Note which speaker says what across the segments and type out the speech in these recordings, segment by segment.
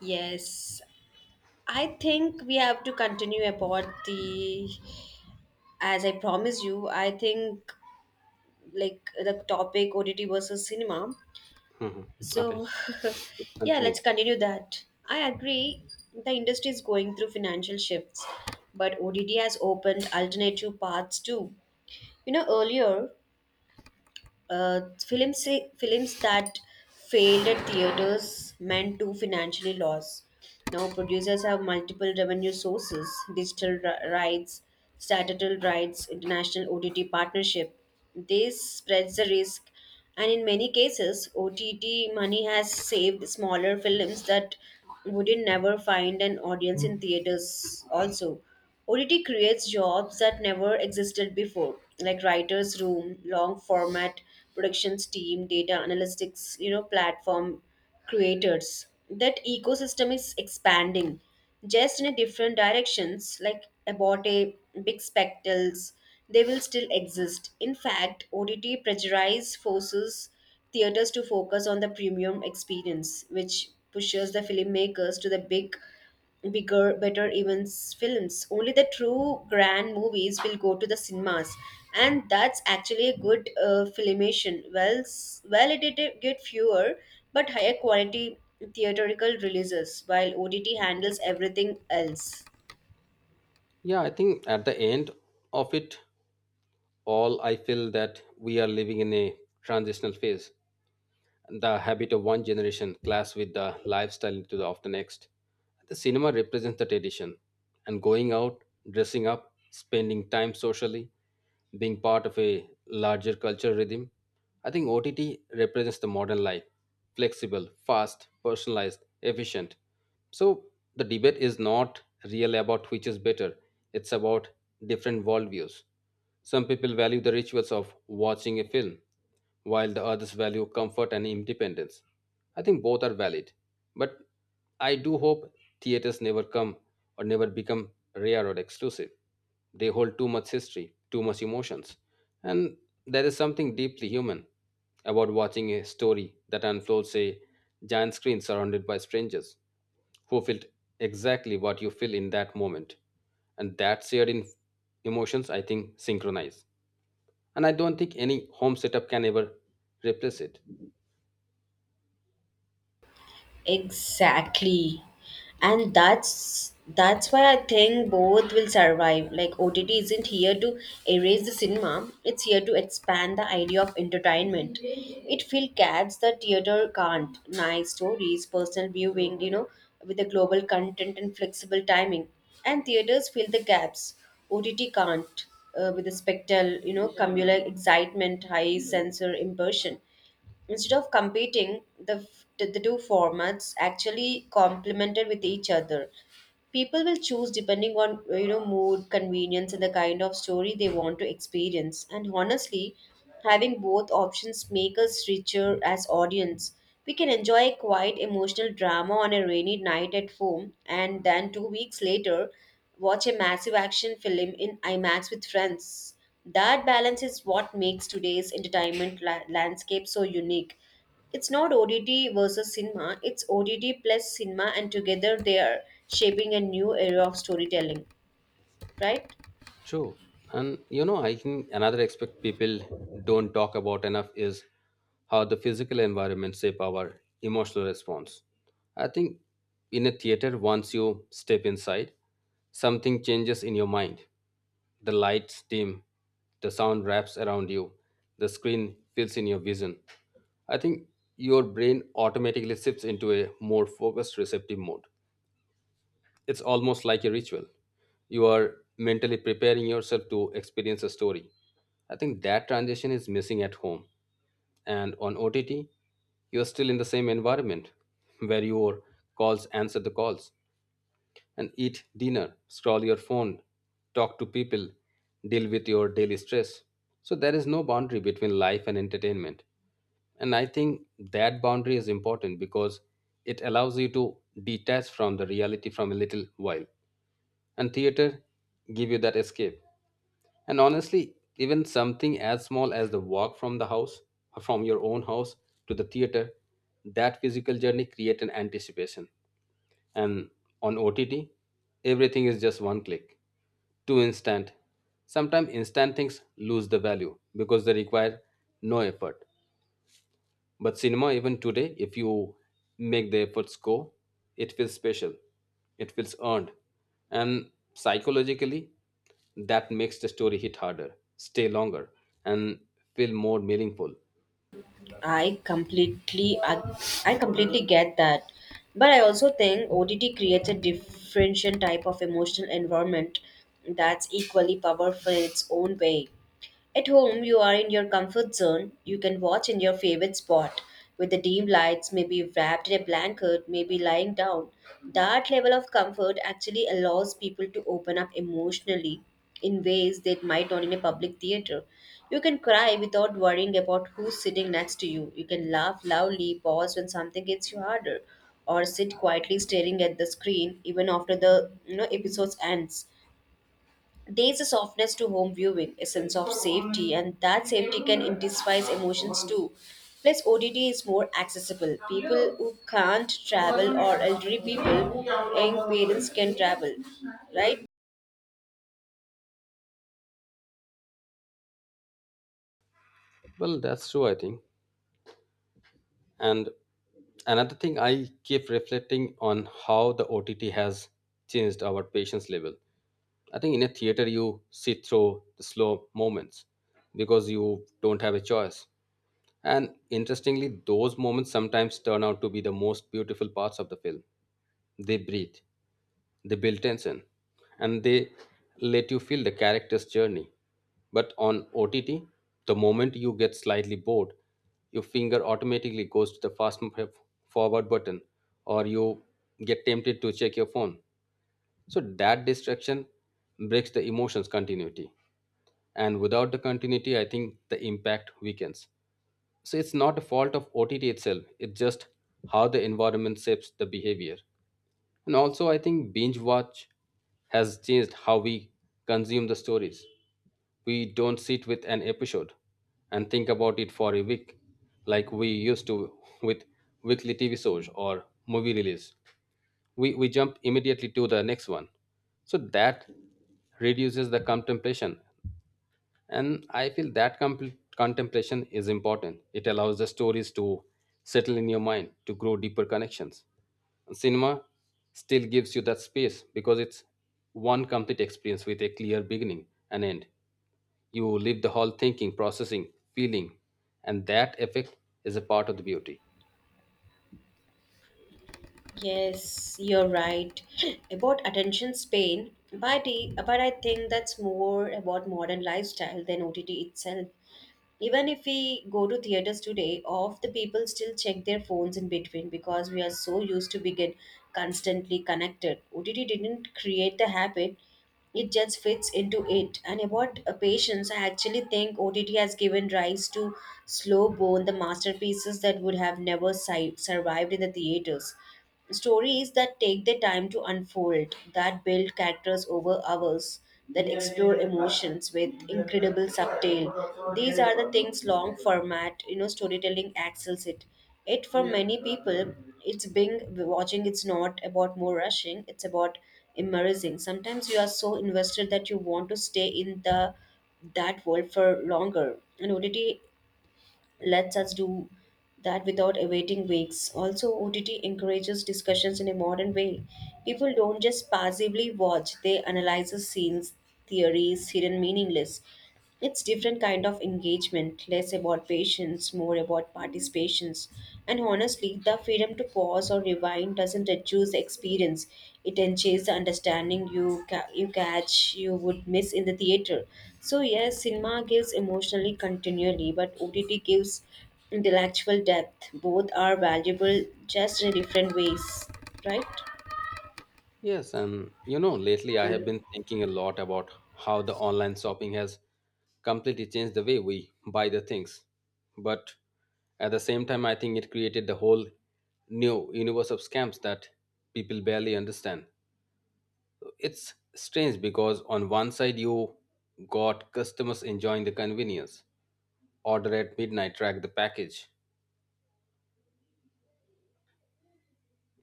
Speaker 1: Yes, I think we have to continue about as I promise you, I think the topic OTT versus cinema.
Speaker 2: hmm Okay,
Speaker 1: So,
Speaker 2: let's
Speaker 1: yeah,
Speaker 2: continue.
Speaker 1: let's continue that. I agree, the industry is going through financial shifts, but OTT has opened alternative paths too. You know, earlier Uh, films films that failed at theaters meant to financially loss. Now producers have multiple revenue sources: digital rights, statutory rights, international OTT partnership. This spreads the risk, and in many cases, OTT money has saved smaller films that wouldn't never find an audience in theaters also. OTT creates jobs that never existed before, like writers' room, long format productions team, data analytics, platform creators. That ecosystem is expanding just in a different directions, like about a big spectacles they will still exist. In fact, OTT prejudice forces theaters to focus on the premium experience, which pushes the filmmakers to the bigger, better events films. Only the true grand movies will go to the cinemas, and that's actually a good filmation. Well, well, it did get fewer but higher quality theatrical releases, while OTT handles everything else.
Speaker 2: Yeah, I think at the end of it all, I feel that we are living in a transitional phase. The habit of one generation clash with the lifestyle of the next. The cinema represents the tradition, and going out, dressing up, spending time socially, being part of a larger cultural rhythm. I think OTT represents the modern life flexible, fast, personalized, efficient. So the debate is not really about which is better, it's about different worldviews. Some people value the rituals of watching a film, while the others value comfort and independence. I think both are valid, but I do hope theaters never come or never become rare or exclusive. They hold too much history, too much emotions, and there is something deeply human about watching a story that unfolds a giant screen surrounded by strangers who felt exactly what you feel in that moment. And that shared in emotions, I think, synchronize. And I don't think any home setup can ever replace it.
Speaker 1: Exactly. And that's why I think both will survive. Like OTT isn't here to erase the cinema, it's here to expand the idea of entertainment. It feels cats the theater can't. Nice stories, personal viewing, you know, with the global content and flexible timing. And theaters fill the gaps. OTT can't with the spectral, you know, communal excitement, high sensor immersion. Instead of competing, the, f- the two formats actually complemented with each other. People will choose depending on you know, mood, convenience, and the kind of story they want to experience. And honestly, having both options make us richer as audience. We can enjoy a quiet emotional drama on a rainy night at home, and then 2 weeks later, watch a massive action film in IMAX with friends. That balance is what makes today's entertainment landscape so unique. It's not ODD versus cinema, it's ODD plus cinema, and together they are shaping a new era of storytelling, right?
Speaker 2: True. And you know, I think another aspect people don't talk about enough is how the physical environment shape our emotional response. I think in a theater, once you step inside, something changes in your mind. The lights dim, the sound wraps around you, the screen fills in your vision. I think your brain automatically shifts into a more focused, receptive mode. It's almost like a ritual. You are mentally preparing yourself to experience a story. I think that transition is missing at home. And on OTT, you're still in the same environment where your calls answer the calls and eat dinner, scroll your phone, talk to people, deal with your daily stress. So there is no boundary between life and entertainment. And I think that boundary is important because it allows you to detach from the reality from a little while, and theater give you that escape. And honestly, even something as small as the walk from the house from your own house to the theater, that physical journey create an anticipation. And on OTT, everything is just one click, too instant. Sometimes instant things lose the value because they require no effort, but cinema, even today, if you make the efforts go, it feels special, it feels earned. And psychologically, that makes the story hit harder, stay longer, and feel more meaningful.
Speaker 1: I completely I, I completely get that. But I also think ODD creates a different type of emotional environment that's equally powerful in its own way. At home, you are in your comfort zone. You can watch in your favorite spot with the dim lights, maybe wrapped in a blanket, maybe lying down. That level of comfort actually allows people to open up emotionally in ways they might not in a public theater. You can cry without worrying about who's sitting next to you. You can laugh loudly, pause when something gets you harder, or sit quietly staring at the screen even after the you know episodes ends. There's a softness to home viewing, a sense of safety, and that safety can intensifies emotions too. Plus, OTT is more accessible. People who can't travel or elderly people, young parents can travel, right?
Speaker 2: Well, that's true, I think. And another thing I keep reflecting on how the OTT has changed our patience level. I think in a theater, you sit through the slow moments because you don't have a choice. And interestingly, those moments sometimes turn out to be the most beautiful parts of the film. They breathe, they build tension, and they let you feel the character's journey. But on OTT, the moment you get slightly bored, your finger automatically goes to the forward button, or you get tempted to check your phone. So that distraction breaks the emotion's continuity. And without the continuity, I think the impact weakens. So it's not a fault of OTT itself. It's just how the environment shapes the behavior. And also, I think binge watch has changed how we consume the stories. We don't sit with an episode and think about it for a week like we used to with weekly TV shows or movie release. We jump immediately to the next one. So that reduces the contemplation, and I feel that contemplation is important. It allows the stories to settle in your mind, to grow deeper connections. And cinema still gives you that space because it's one complete experience with a clear beginning and end. You leave the hall thinking, processing, feeling, and that effect is a part of the beauty.
Speaker 1: Yes, you're right. About attention span, but, but I think that's more about modern lifestyle than OTT itself. Even if we go to theaters today of the people still check their phones in between because we are so used to begin constantly connected. OTT didn't create the habit, it just fits into it. And about patience, I actually think OTT has given rise to slow burn the masterpieces that would have never survived in the theaters. Stories that take their time to unfold, that build characters over hours, that explore emotions with incredible subtle. These are the things long format, you know, storytelling excels it. It for many people, it's being watching. It's not about more rushing. It's about immersing. Sometimes you are so invested that you want to stay in the that world for longer. And OTT lets us do that without awaiting weeks. Also, OTT encourages discussions in a modern way. People don't just passively watch, they analyze the scenes, theories, hidden meaningless. It's different kind of engagement, less about patience, more about participations. And honestly, the freedom to pause or rewind doesn't reduce the experience, it enhances the understanding. You you catch you would miss in the theater. So yes, cinema gives emotionally continually, but OTT gives intellectual depth. Both are valuable, just in different ways, right?
Speaker 2: Yes, and you know, lately I have been thinking a lot about how the online shopping has completely changed the way we buy the things. But at the same time, I think it created the whole new universe of scams that people barely understand. It's strange because on one side, you got customers enjoying the convenience, order at midnight, track the package.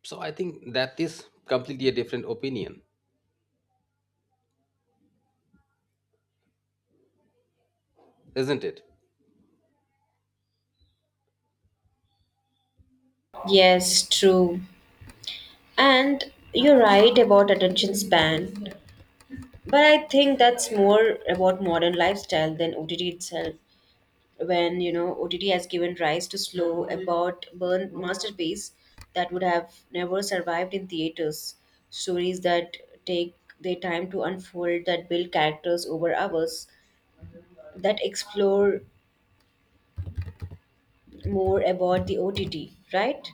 Speaker 2: So I think that is completely a different opinion, isn't it?
Speaker 1: Yes, true. And you're right about attention span. But I think that's more about modern lifestyle than OTT itself. When you know OTT has given rise to slow, about burn masterpiece that would have never survived in theaters. Stories that take their time to unfold, that build characters over hours, that explore more about the OTT, right?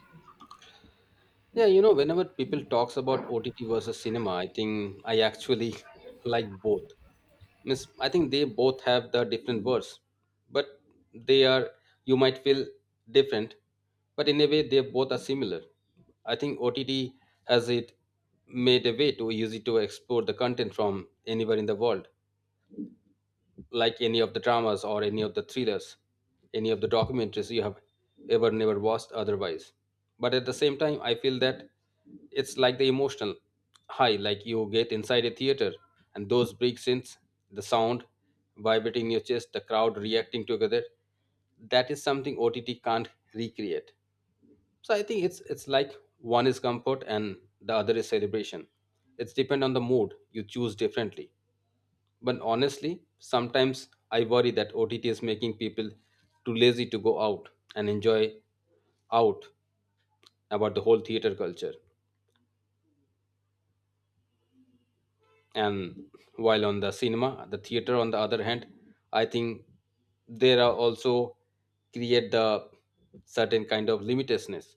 Speaker 2: Yeah, you know, whenever people talks about OTT versus cinema, I think I actually like both. Miss, I think they both have the different words, but they are you might feel different, but in a way they both are similar. I think OTT has it made a way to use it to explore the content from anywhere in the world, like any of the dramas or any of the thrillers, any of the documentaries you have ever never watched otherwise. But at the same time, I feel that it's like the emotional high, like you get inside a theater, and those big scenes, the sound vibrating in your chest, the crowd reacting together, that is something OTT can't recreate. So I think it's like one is comfort and the other is celebration. It's depend on the mood you choose differently. But honestly, sometimes I worry that OTT is making people too lazy to go out and enjoy out about the whole theater culture. And while on the cinema, the theater on the other hand, I think there are also create the certain kind of limitedness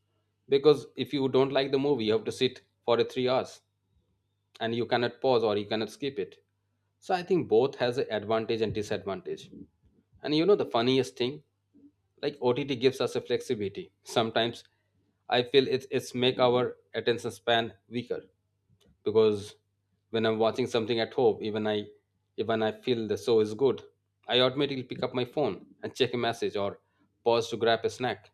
Speaker 2: because if you don't like the movie, you have to sit for a 3 hours. And you cannot pause or you cannot skip it. So I think both has an advantage and disadvantage. And you know the funniest thing, like OTT gives us a flexibility. Sometimes I feel it's make our attention span weaker, because when I'm watching something at home, even I feel the show is good, I automatically pick up my phone and check a message or pause to grab a snack.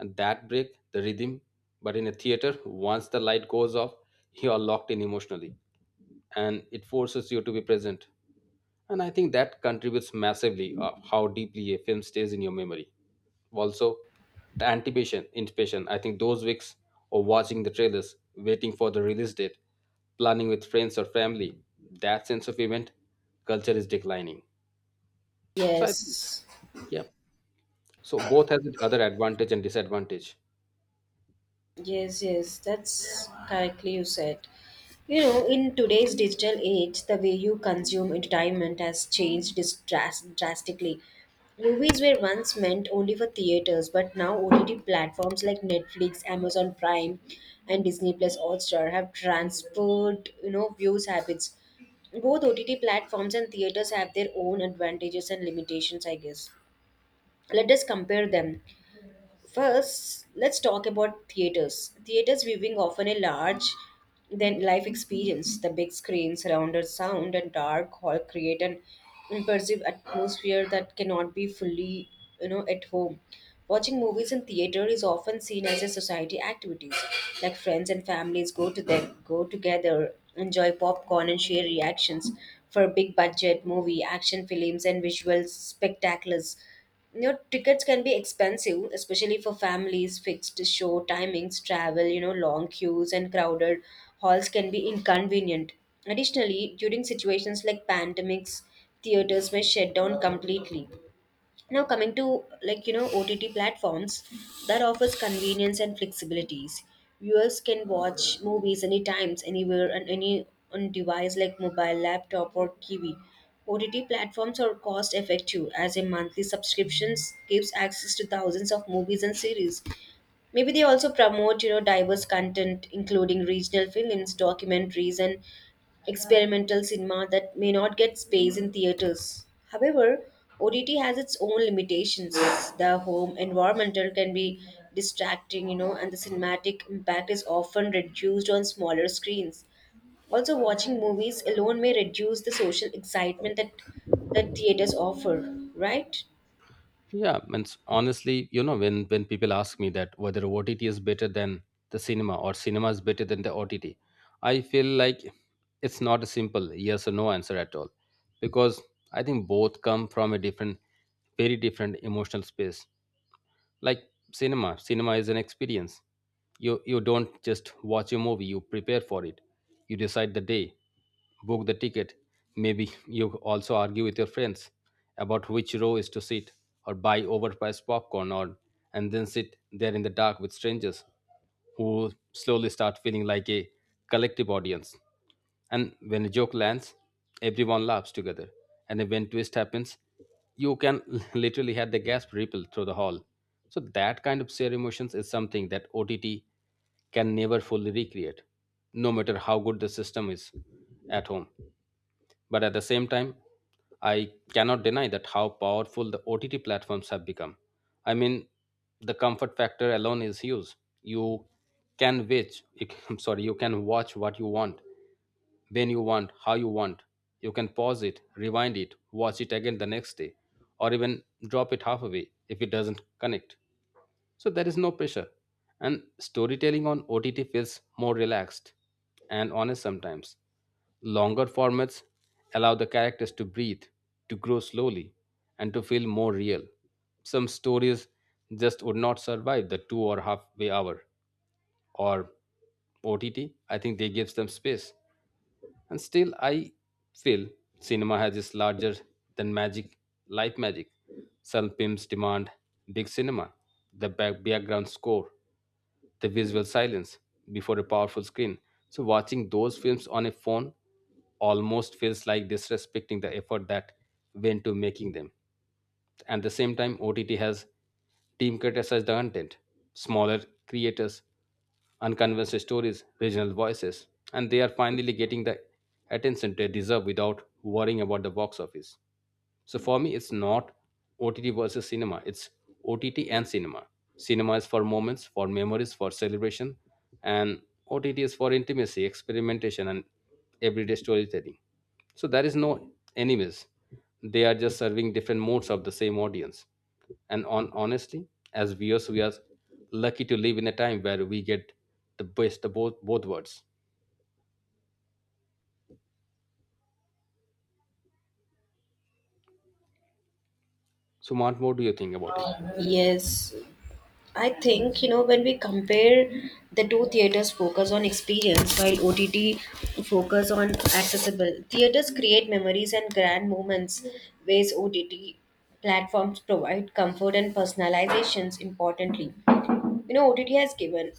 Speaker 2: And that break the rhythm. But in a theater, once the light goes off, you are locked in emotionally, and it forces you to be present. And I think that contributes massively of how deeply a film stays in your memory. Also, the anticipation. I think those weeks of watching the trailers, waiting for the release date, planning with friends or family, that sense of event culture is declining. So I think,
Speaker 1: Yes.
Speaker 2: yeah. So both has its other advantage and disadvantage.
Speaker 1: Yes, yes, that's correctly you said. You know, in today's digital age, the way you consume entertainment has changed drastically. Movies were once meant only for theaters, but now OTT platforms like Netflix, Amazon Prime, and Disney Plus Hotstar have transferred, you know, views habits. Both OTT platforms and theaters have their own advantages and limitations, I guess. Let us compare them. First, let's talk about theaters. Theaters viewing often a large than life experience. The big screen, surrounded sound, and dark hall create an immersive atmosphere that cannot be fully, you know, at home. Watching movies in theater is often seen as a society activities. Like friends and families go to them, go together, enjoy popcorn and share reactions. For big budget movie, action films, and visual spectaculars, you know, tickets can be expensive, especially for families, fixed show timings, travel, you know, long queues and crowded halls can be inconvenient. Additionally, during situations like pandemics, theaters may shut down completely. Now, coming to like you know OTT platforms that offers convenience and flexibilities. Viewers can watch movies anytime, anywhere, and any on device like mobile, laptop, or TV. OTT platforms are cost effective as a monthly subscriptions gives access to thousands of movies and series. Maybe they also promote, you know, diverse content, including regional films, documentaries, and experimental cinema that may not get space in theaters. However, OTT has its own limitations. The home environmental can be distracting, you know, and the cinematic impact is often reduced on smaller screens. Also, watching movies alone may reduce the social excitement that theaters offer, right?
Speaker 2: Yeah, and honestly, you know, when people ask me that whether OTT is better than the cinema or cinema is better than the OTT, I feel like it's not a simple yes or no answer at all, because I think both come from a very different emotional space. Like cinema is an experience. You don't just watch a movie, you prepare for it. You decide the day, book the ticket, maybe you also argue with your friends about which row is to sit, or buy overpriced popcorn or and then sit there in the dark with strangers who slowly start feeling like a collective audience. And when a joke lands, everyone laughs together. And then when twist happens, you can literally have the gasp ripple through the hall. So that kind of shared emotions is something that OTT can never fully recreate, no matter how good the system is at home. But at the same time, I cannot deny that how powerful the OTT platforms have become. I mean, the comfort factor alone is huge. You can watch, I'm sorry, you can watch what you want, when you want, how you want. You can pause it, rewind it, watch it again the next day, or even drop it halfway if it doesn't connect. So there is no pressure. And storytelling on OTT feels more relaxed and honest sometimes. Longer formats allow the characters to breathe, to grow slowly, and to feel more real. Some stories just would not survive the two or halfway hour or OTT. I think they gives them space. And still, I feel cinema has its larger than magic, life magic. Some films demand big cinema, the background score, the visual silence before a powerful screen. So, watching those films on a phone almost feels like disrespecting the effort that went to making them. At the same time, OTT has democratized the content. Smaller creators, unconventional stories, regional voices, and they are finally getting the attention they deserve without worrying about the box office. So for me, it's not OTT versus cinema. It's OTT and cinema. Cinema is for moments, for memories, for celebration, and OTT is for intimacy, experimentation, and everyday storytelling. So there is no enemies. They are just serving different modes of the same audience. And on honestly, as viewers, we are lucky to live in a time where we get the best of both worlds. So, Mart, what do you think about it?
Speaker 1: Yes, I think, you know, when we compare the two theaters focus on experience while OTT focus on accessible, theaters create memories and grand moments, whereas OTT platforms provide comfort and personalizations importantly. You know,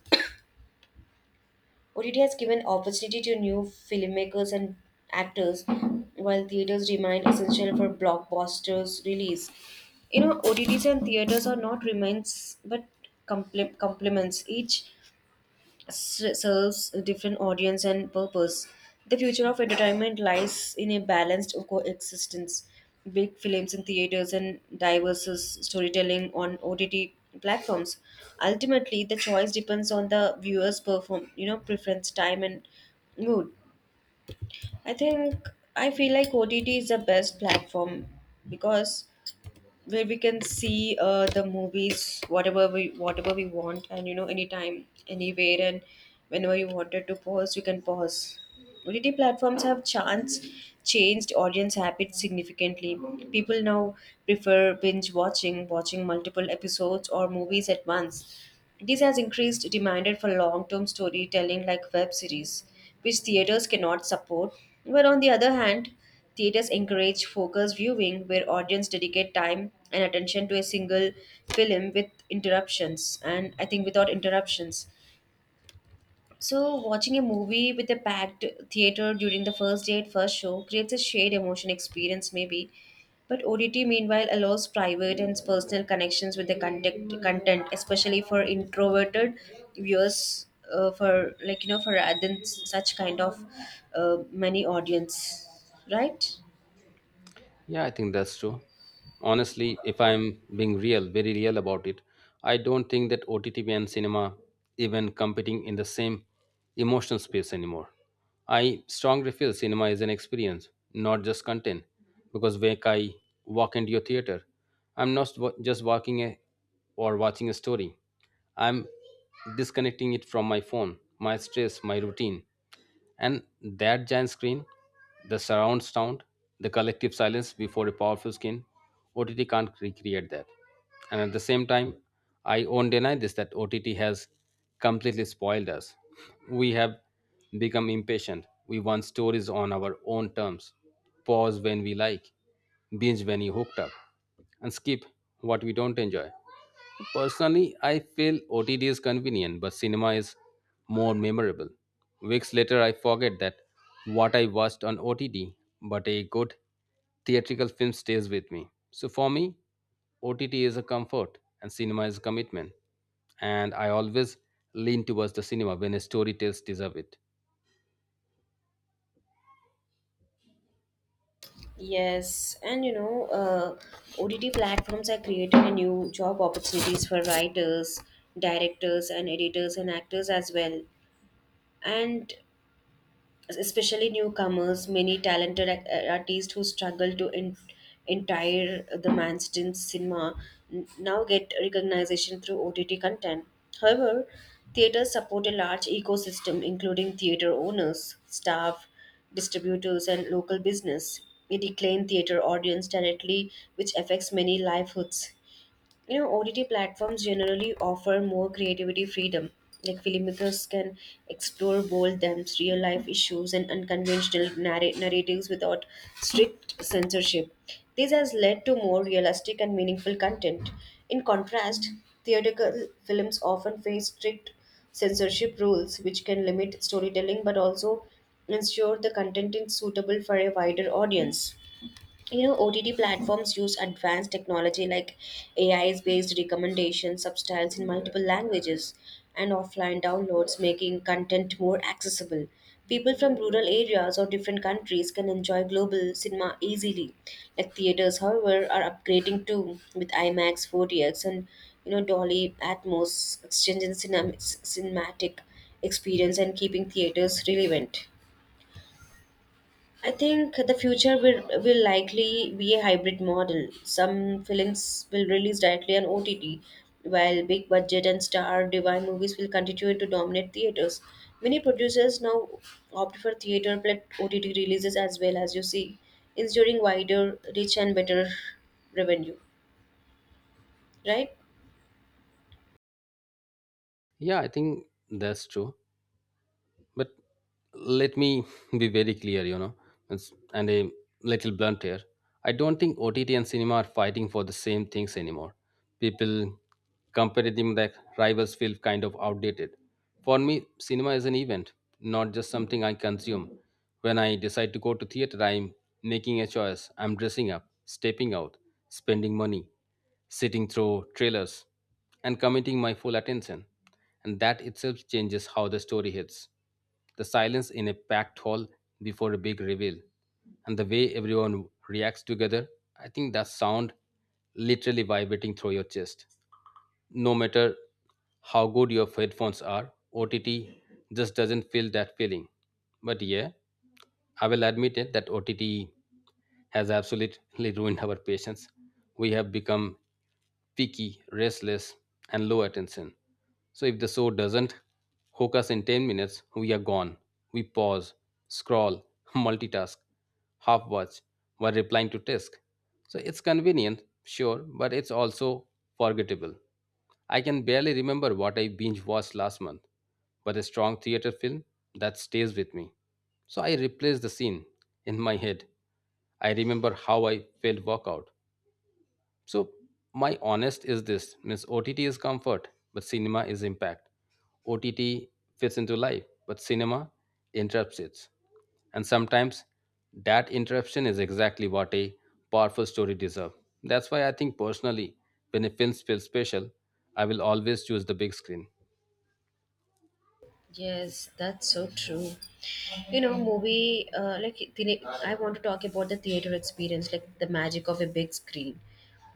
Speaker 1: OTT has given opportunity to new filmmakers and actors, while theaters remain essential for blockbusters release. You know, OTTs and theaters are not remains but complements. Each serves a different audience and purpose. The future of entertainment lies in a balanced coexistence, big films in theaters and diverse storytelling on OTT platforms. Ultimately, the choice depends on the viewer's perform, you know, preference, time, and mood. I think I feel like OTT is the best platform because where we can see the movies whatever we want, and you know, anytime anywhere, and whenever you wanted to pause you can pause. OTT platforms have chance changed audience habits significantly. People now prefer binge watching, watching multiple episodes or movies at once. This has increased demand for long term storytelling like web series, which theaters cannot support. But on the other hand, theaters encourage focused viewing where audience dedicate time and attention to a single film with interruptions and I think without interruptions. So, watching a movie with a packed theater during the first date, first show creates a shared emotion experience, maybe. But ODT, meanwhile, allows private and personal connections with the content, especially for introverted viewers, for like you know, for rather than such kind of many audience, right?
Speaker 2: Yeah, I think that's true. Honestly, if I'm being real, very real about it, I don't think that OTT and cinema even competing in the same emotional space anymore. I strongly feel cinema is an experience, not just content. Because when I walk into your theater, I'm not just walking a, or watching a story. I'm disconnecting it from my phone, my stress, my routine. And that giant screen, the surround sound, the collective silence before a powerful skin, OTT can't recreate that. And at the same time, I won't deny this that OTT has completely spoiled us. We have become impatient. We want stories on our own terms, pause when we like, binge when you hooked up, and skip what we don't enjoy. Personally, I feel OTT is convenient, but cinema is more memorable. Weeks later, I forget that what I watched on OTT, but a good theatrical film stays with me. So for me, OTT is a comfort and cinema is a commitment. And I always lean towards the cinema when a story tells deserve it.
Speaker 1: Yes, and you know, OTT platforms are creating a new job opportunities for writers, directors, and editors and actors as well. And especially newcomers, many talented artists who struggle to in- entire the mainstream cinema now get recognition through OTT content. However, theaters support a large ecosystem including theater owners, staff, distributors, and local business. It decline theater audience directly, which affects many livelihoods. You know, OTT platforms generally offer more creativity freedom, like filmmakers can explore bold themes, real life issues, and unconventional narratives without strict censorship. This has led to more realistic and meaningful content. In contrast, theatrical films often face strict censorship rules, which can limit storytelling but also ensure the content is suitable for a wider audience. You know, OTT platforms use advanced technology like AI based recommendations, subtitles in multiple languages, and offline downloads, making content more accessible. People from rural areas or different countries can enjoy global cinema easily. Like theaters however are upgrading too, with IMAX 4DX and you know Dolly Atmos exchanging cinematic experience and keeping theaters relevant. I think the future will likely be a hybrid model. Some films will release directly on OTT, while big budget and star divine movies will continue to dominate theaters. Many producers now opt for theater plus OTT releases as well as you see, ensuring wider, reach, and better revenue. Right?
Speaker 2: Yeah, I think that's true. But let me be very clear, you know, and a little blunt here. I don't think OTT and cinema are fighting for the same things anymore. People comparing them like rivals feel kind of outdated. For me, cinema is an event, not just something I consume. When I decide to go to theater, I'm making a choice. I'm dressing up, stepping out, spending money, sitting through trailers, and committing my full attention. And that itself changes how the story hits. The silence in a packed hall before a big reveal, and the way everyone reacts together, I think that sound literally vibrating through your chest no matter how good your headphones are, OTT just doesn't feel that feeling. But yeah, I will admit it that OTT has absolutely ruined our patience. We have become picky, restless, and low attention. So if the show doesn't hook us in 10 minutes, we are gone. We pause, scroll, multitask, half watch while replying to text. So it's convenient, sure, but it's also forgettable. I can barely remember what I binge watched last month, but a strong theater film that stays with me. So I replace the scene in my head. I remember how I felt walk out. So my honest is this means OTT is comfort, but cinema is impact. OTT fits into life, but cinema interrupts it. And sometimes that interruption is exactly what a powerful story deserves. That's why I think personally, when a film feels special, I will always choose the big screen.
Speaker 1: Yes, that's so true. I want to talk about the theater experience, like the magic of a big screen.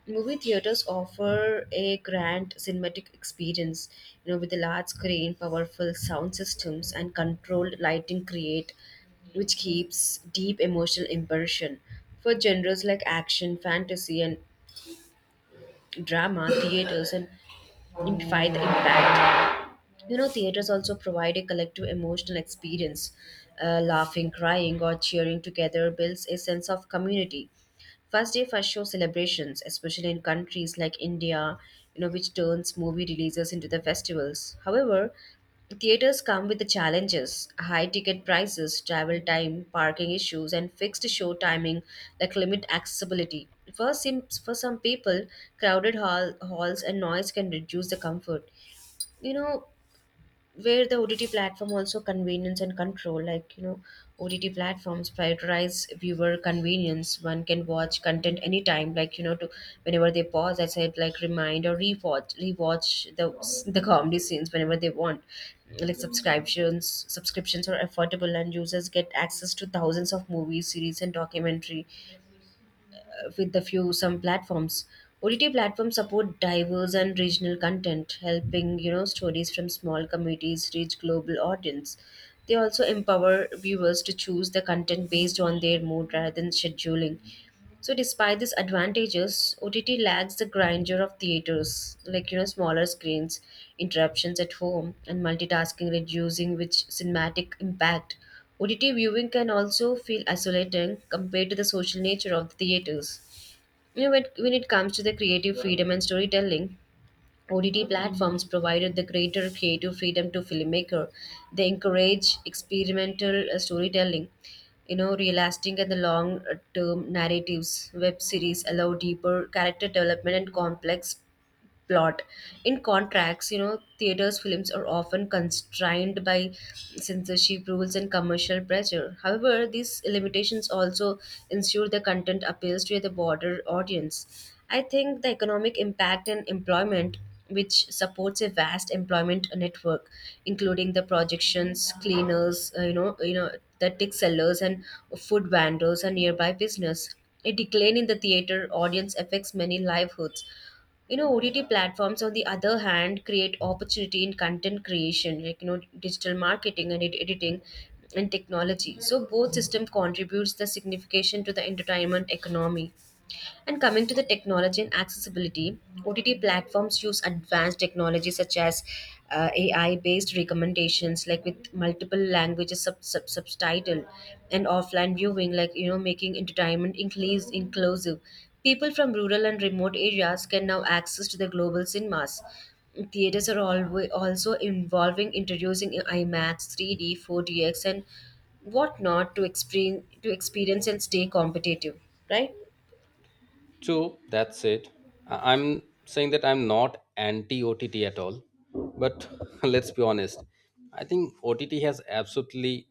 Speaker 1: Movie theaters offer a grand cinematic experience. You know, with a large screen, powerful sound systems, and controlled lighting, create which keeps deep emotional impression. For genres like action, fantasy, and drama, theaters and amplify the impact. You know, theaters also provide a collective emotional experience. Laughing, crying, or cheering together builds a sense of community. First day first show celebrations, especially in countries like India, you know, which turns movie releases into the festivals. However, theaters come with the challenges: high ticket prices, travel time, parking issues, and fixed show timing that limit accessibility. For some people, crowded halls and noise can reduce the comfort. You know, where the OTT platform also convenience and control, like you know, OTT platforms prioritize viewer convenience. One can watch content anytime, like you know, to whenever they pause. I said like remind or rewatch the comedy scenes whenever they want. Like subscriptions are affordable, and users get access to thousands of movies, series, and documentary with a few some platforms. OTT platforms support diverse and regional content, helping you know stories from small communities reach global audience. They also empower viewers to choose the content based on their mood rather than scheduling. So, despite these advantages, OTT lacks the grandeur of theaters, like you know smaller screens, interruptions at home, and multitasking, reducing which cinematic impact. OTT viewing can also feel isolating compared to the social nature of the theaters. You know, when it comes to the creative freedom and storytelling, ODT platforms provided the greater creative freedom to filmmaker. They encourage experimental storytelling, you know, realistic and the long-term narratives. Web series allow deeper character development and complex plot. In contracts, you know, theaters' films are often constrained by censorship rules and commercial pressure. However, these limitations also ensure the content appeals to the broader audience. I think the economic impact and employment, which supports a vast employment network, including the projections, cleaners, the tick sellers and food vendors and nearby business. A decline in the theater audience affects many livelihoods, you know OTT platforms on the other hand create opportunity in content creation like you know digital marketing and editing and technology, so both system contributes the signification to the entertainment economy. And coming to the technology and accessibility, OTT platforms use advanced technology such as AI based recommendations, like with multiple languages subtitle and offline viewing, like you know, making entertainment inclusive. People from rural and remote areas can now access to the global cinemas. Theaters are always also involving introducing IMAX, 3D, 4DX, and whatnot to experience and stay competitive, right?
Speaker 2: True, that's it. I'm saying that I'm not anti OTT at all, but let's be honest. I think OTT has absolutely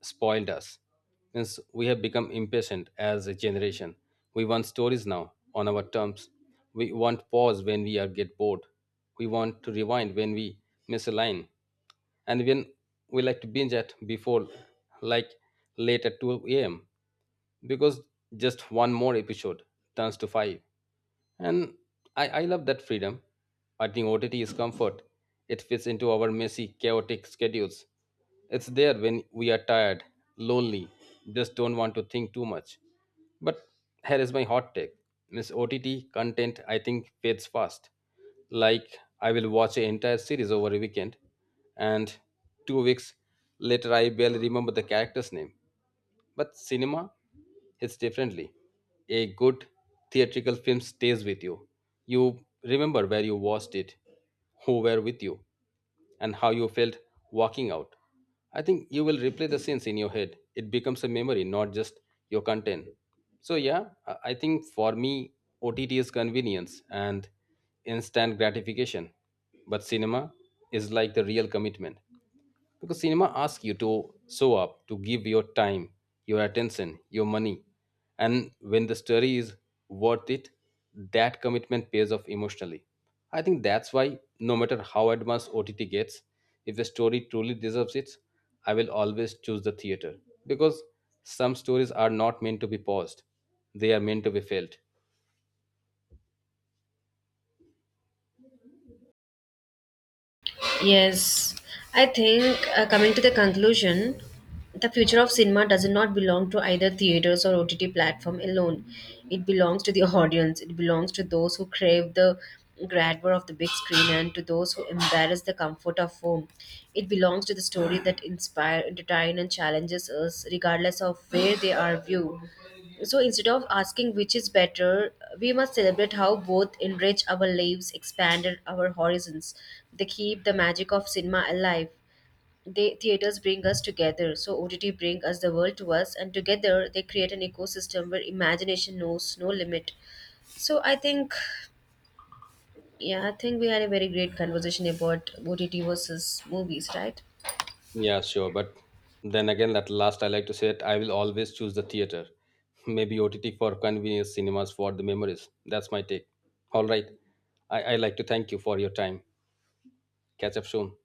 Speaker 2: spoiled us since we have become impatient as a generation. We want stories now on our terms. We want pause when we are get bored. We want to rewind when we miss a line. And when we like to binge at before like late at 2 a.m because just one more episode turns to five. And I love that freedom. I think OTT is comfort. It fits into our messy, chaotic schedules. It's there when we are tired, lonely, just don't want to think too much. But here is my hot take. Miss OTT content I think fades fast. Like I will watch an entire series over a weekend and two weeks later I barely remember the character's name. But cinema hits differently. A good theatrical film stays with you. You remember where you watched it, who were with you, and how you felt walking out. I think you will replay the scenes in your head. It becomes a memory, not just your content. So, yeah, I think for me, OTT is convenience and instant gratification. But cinema is like the real commitment. Because cinema asks you to show up, to give your time, your attention, your money. And when the story is worth it, that commitment pays off emotionally. I think that's why, no matter how advanced OTT gets, if the story truly deserves it, I will always choose the theater. Because some stories are not meant to be paused, they are meant to be felt.
Speaker 1: Yes, I think coming to the conclusion, the future of cinema does not belong to either theaters or OTT platform alone. It belongs to the audience. It belongs to those who crave the grandeur of the big screen and to those who embrace the comfort of home. It belongs to the story that inspire, entertain, and challenges us, regardless of where they are viewed. So instead of asking which is better, we must celebrate how both enrich our lives, expanded our horizons. They keep the magic of cinema alive. They theaters bring us together, so OTT bring us the world to us, and together they create an ecosystem where imagination knows no limit. So I think, yeah, I think we had a very great conversation about OTT versus movies, right?
Speaker 2: Yeah, sure. But then again, at last, I like to say it, I will always choose the theater. Maybe OTT for convenience, cinemas for the memories. That's my take. All right. I like to thank you for your time. Catch up soon.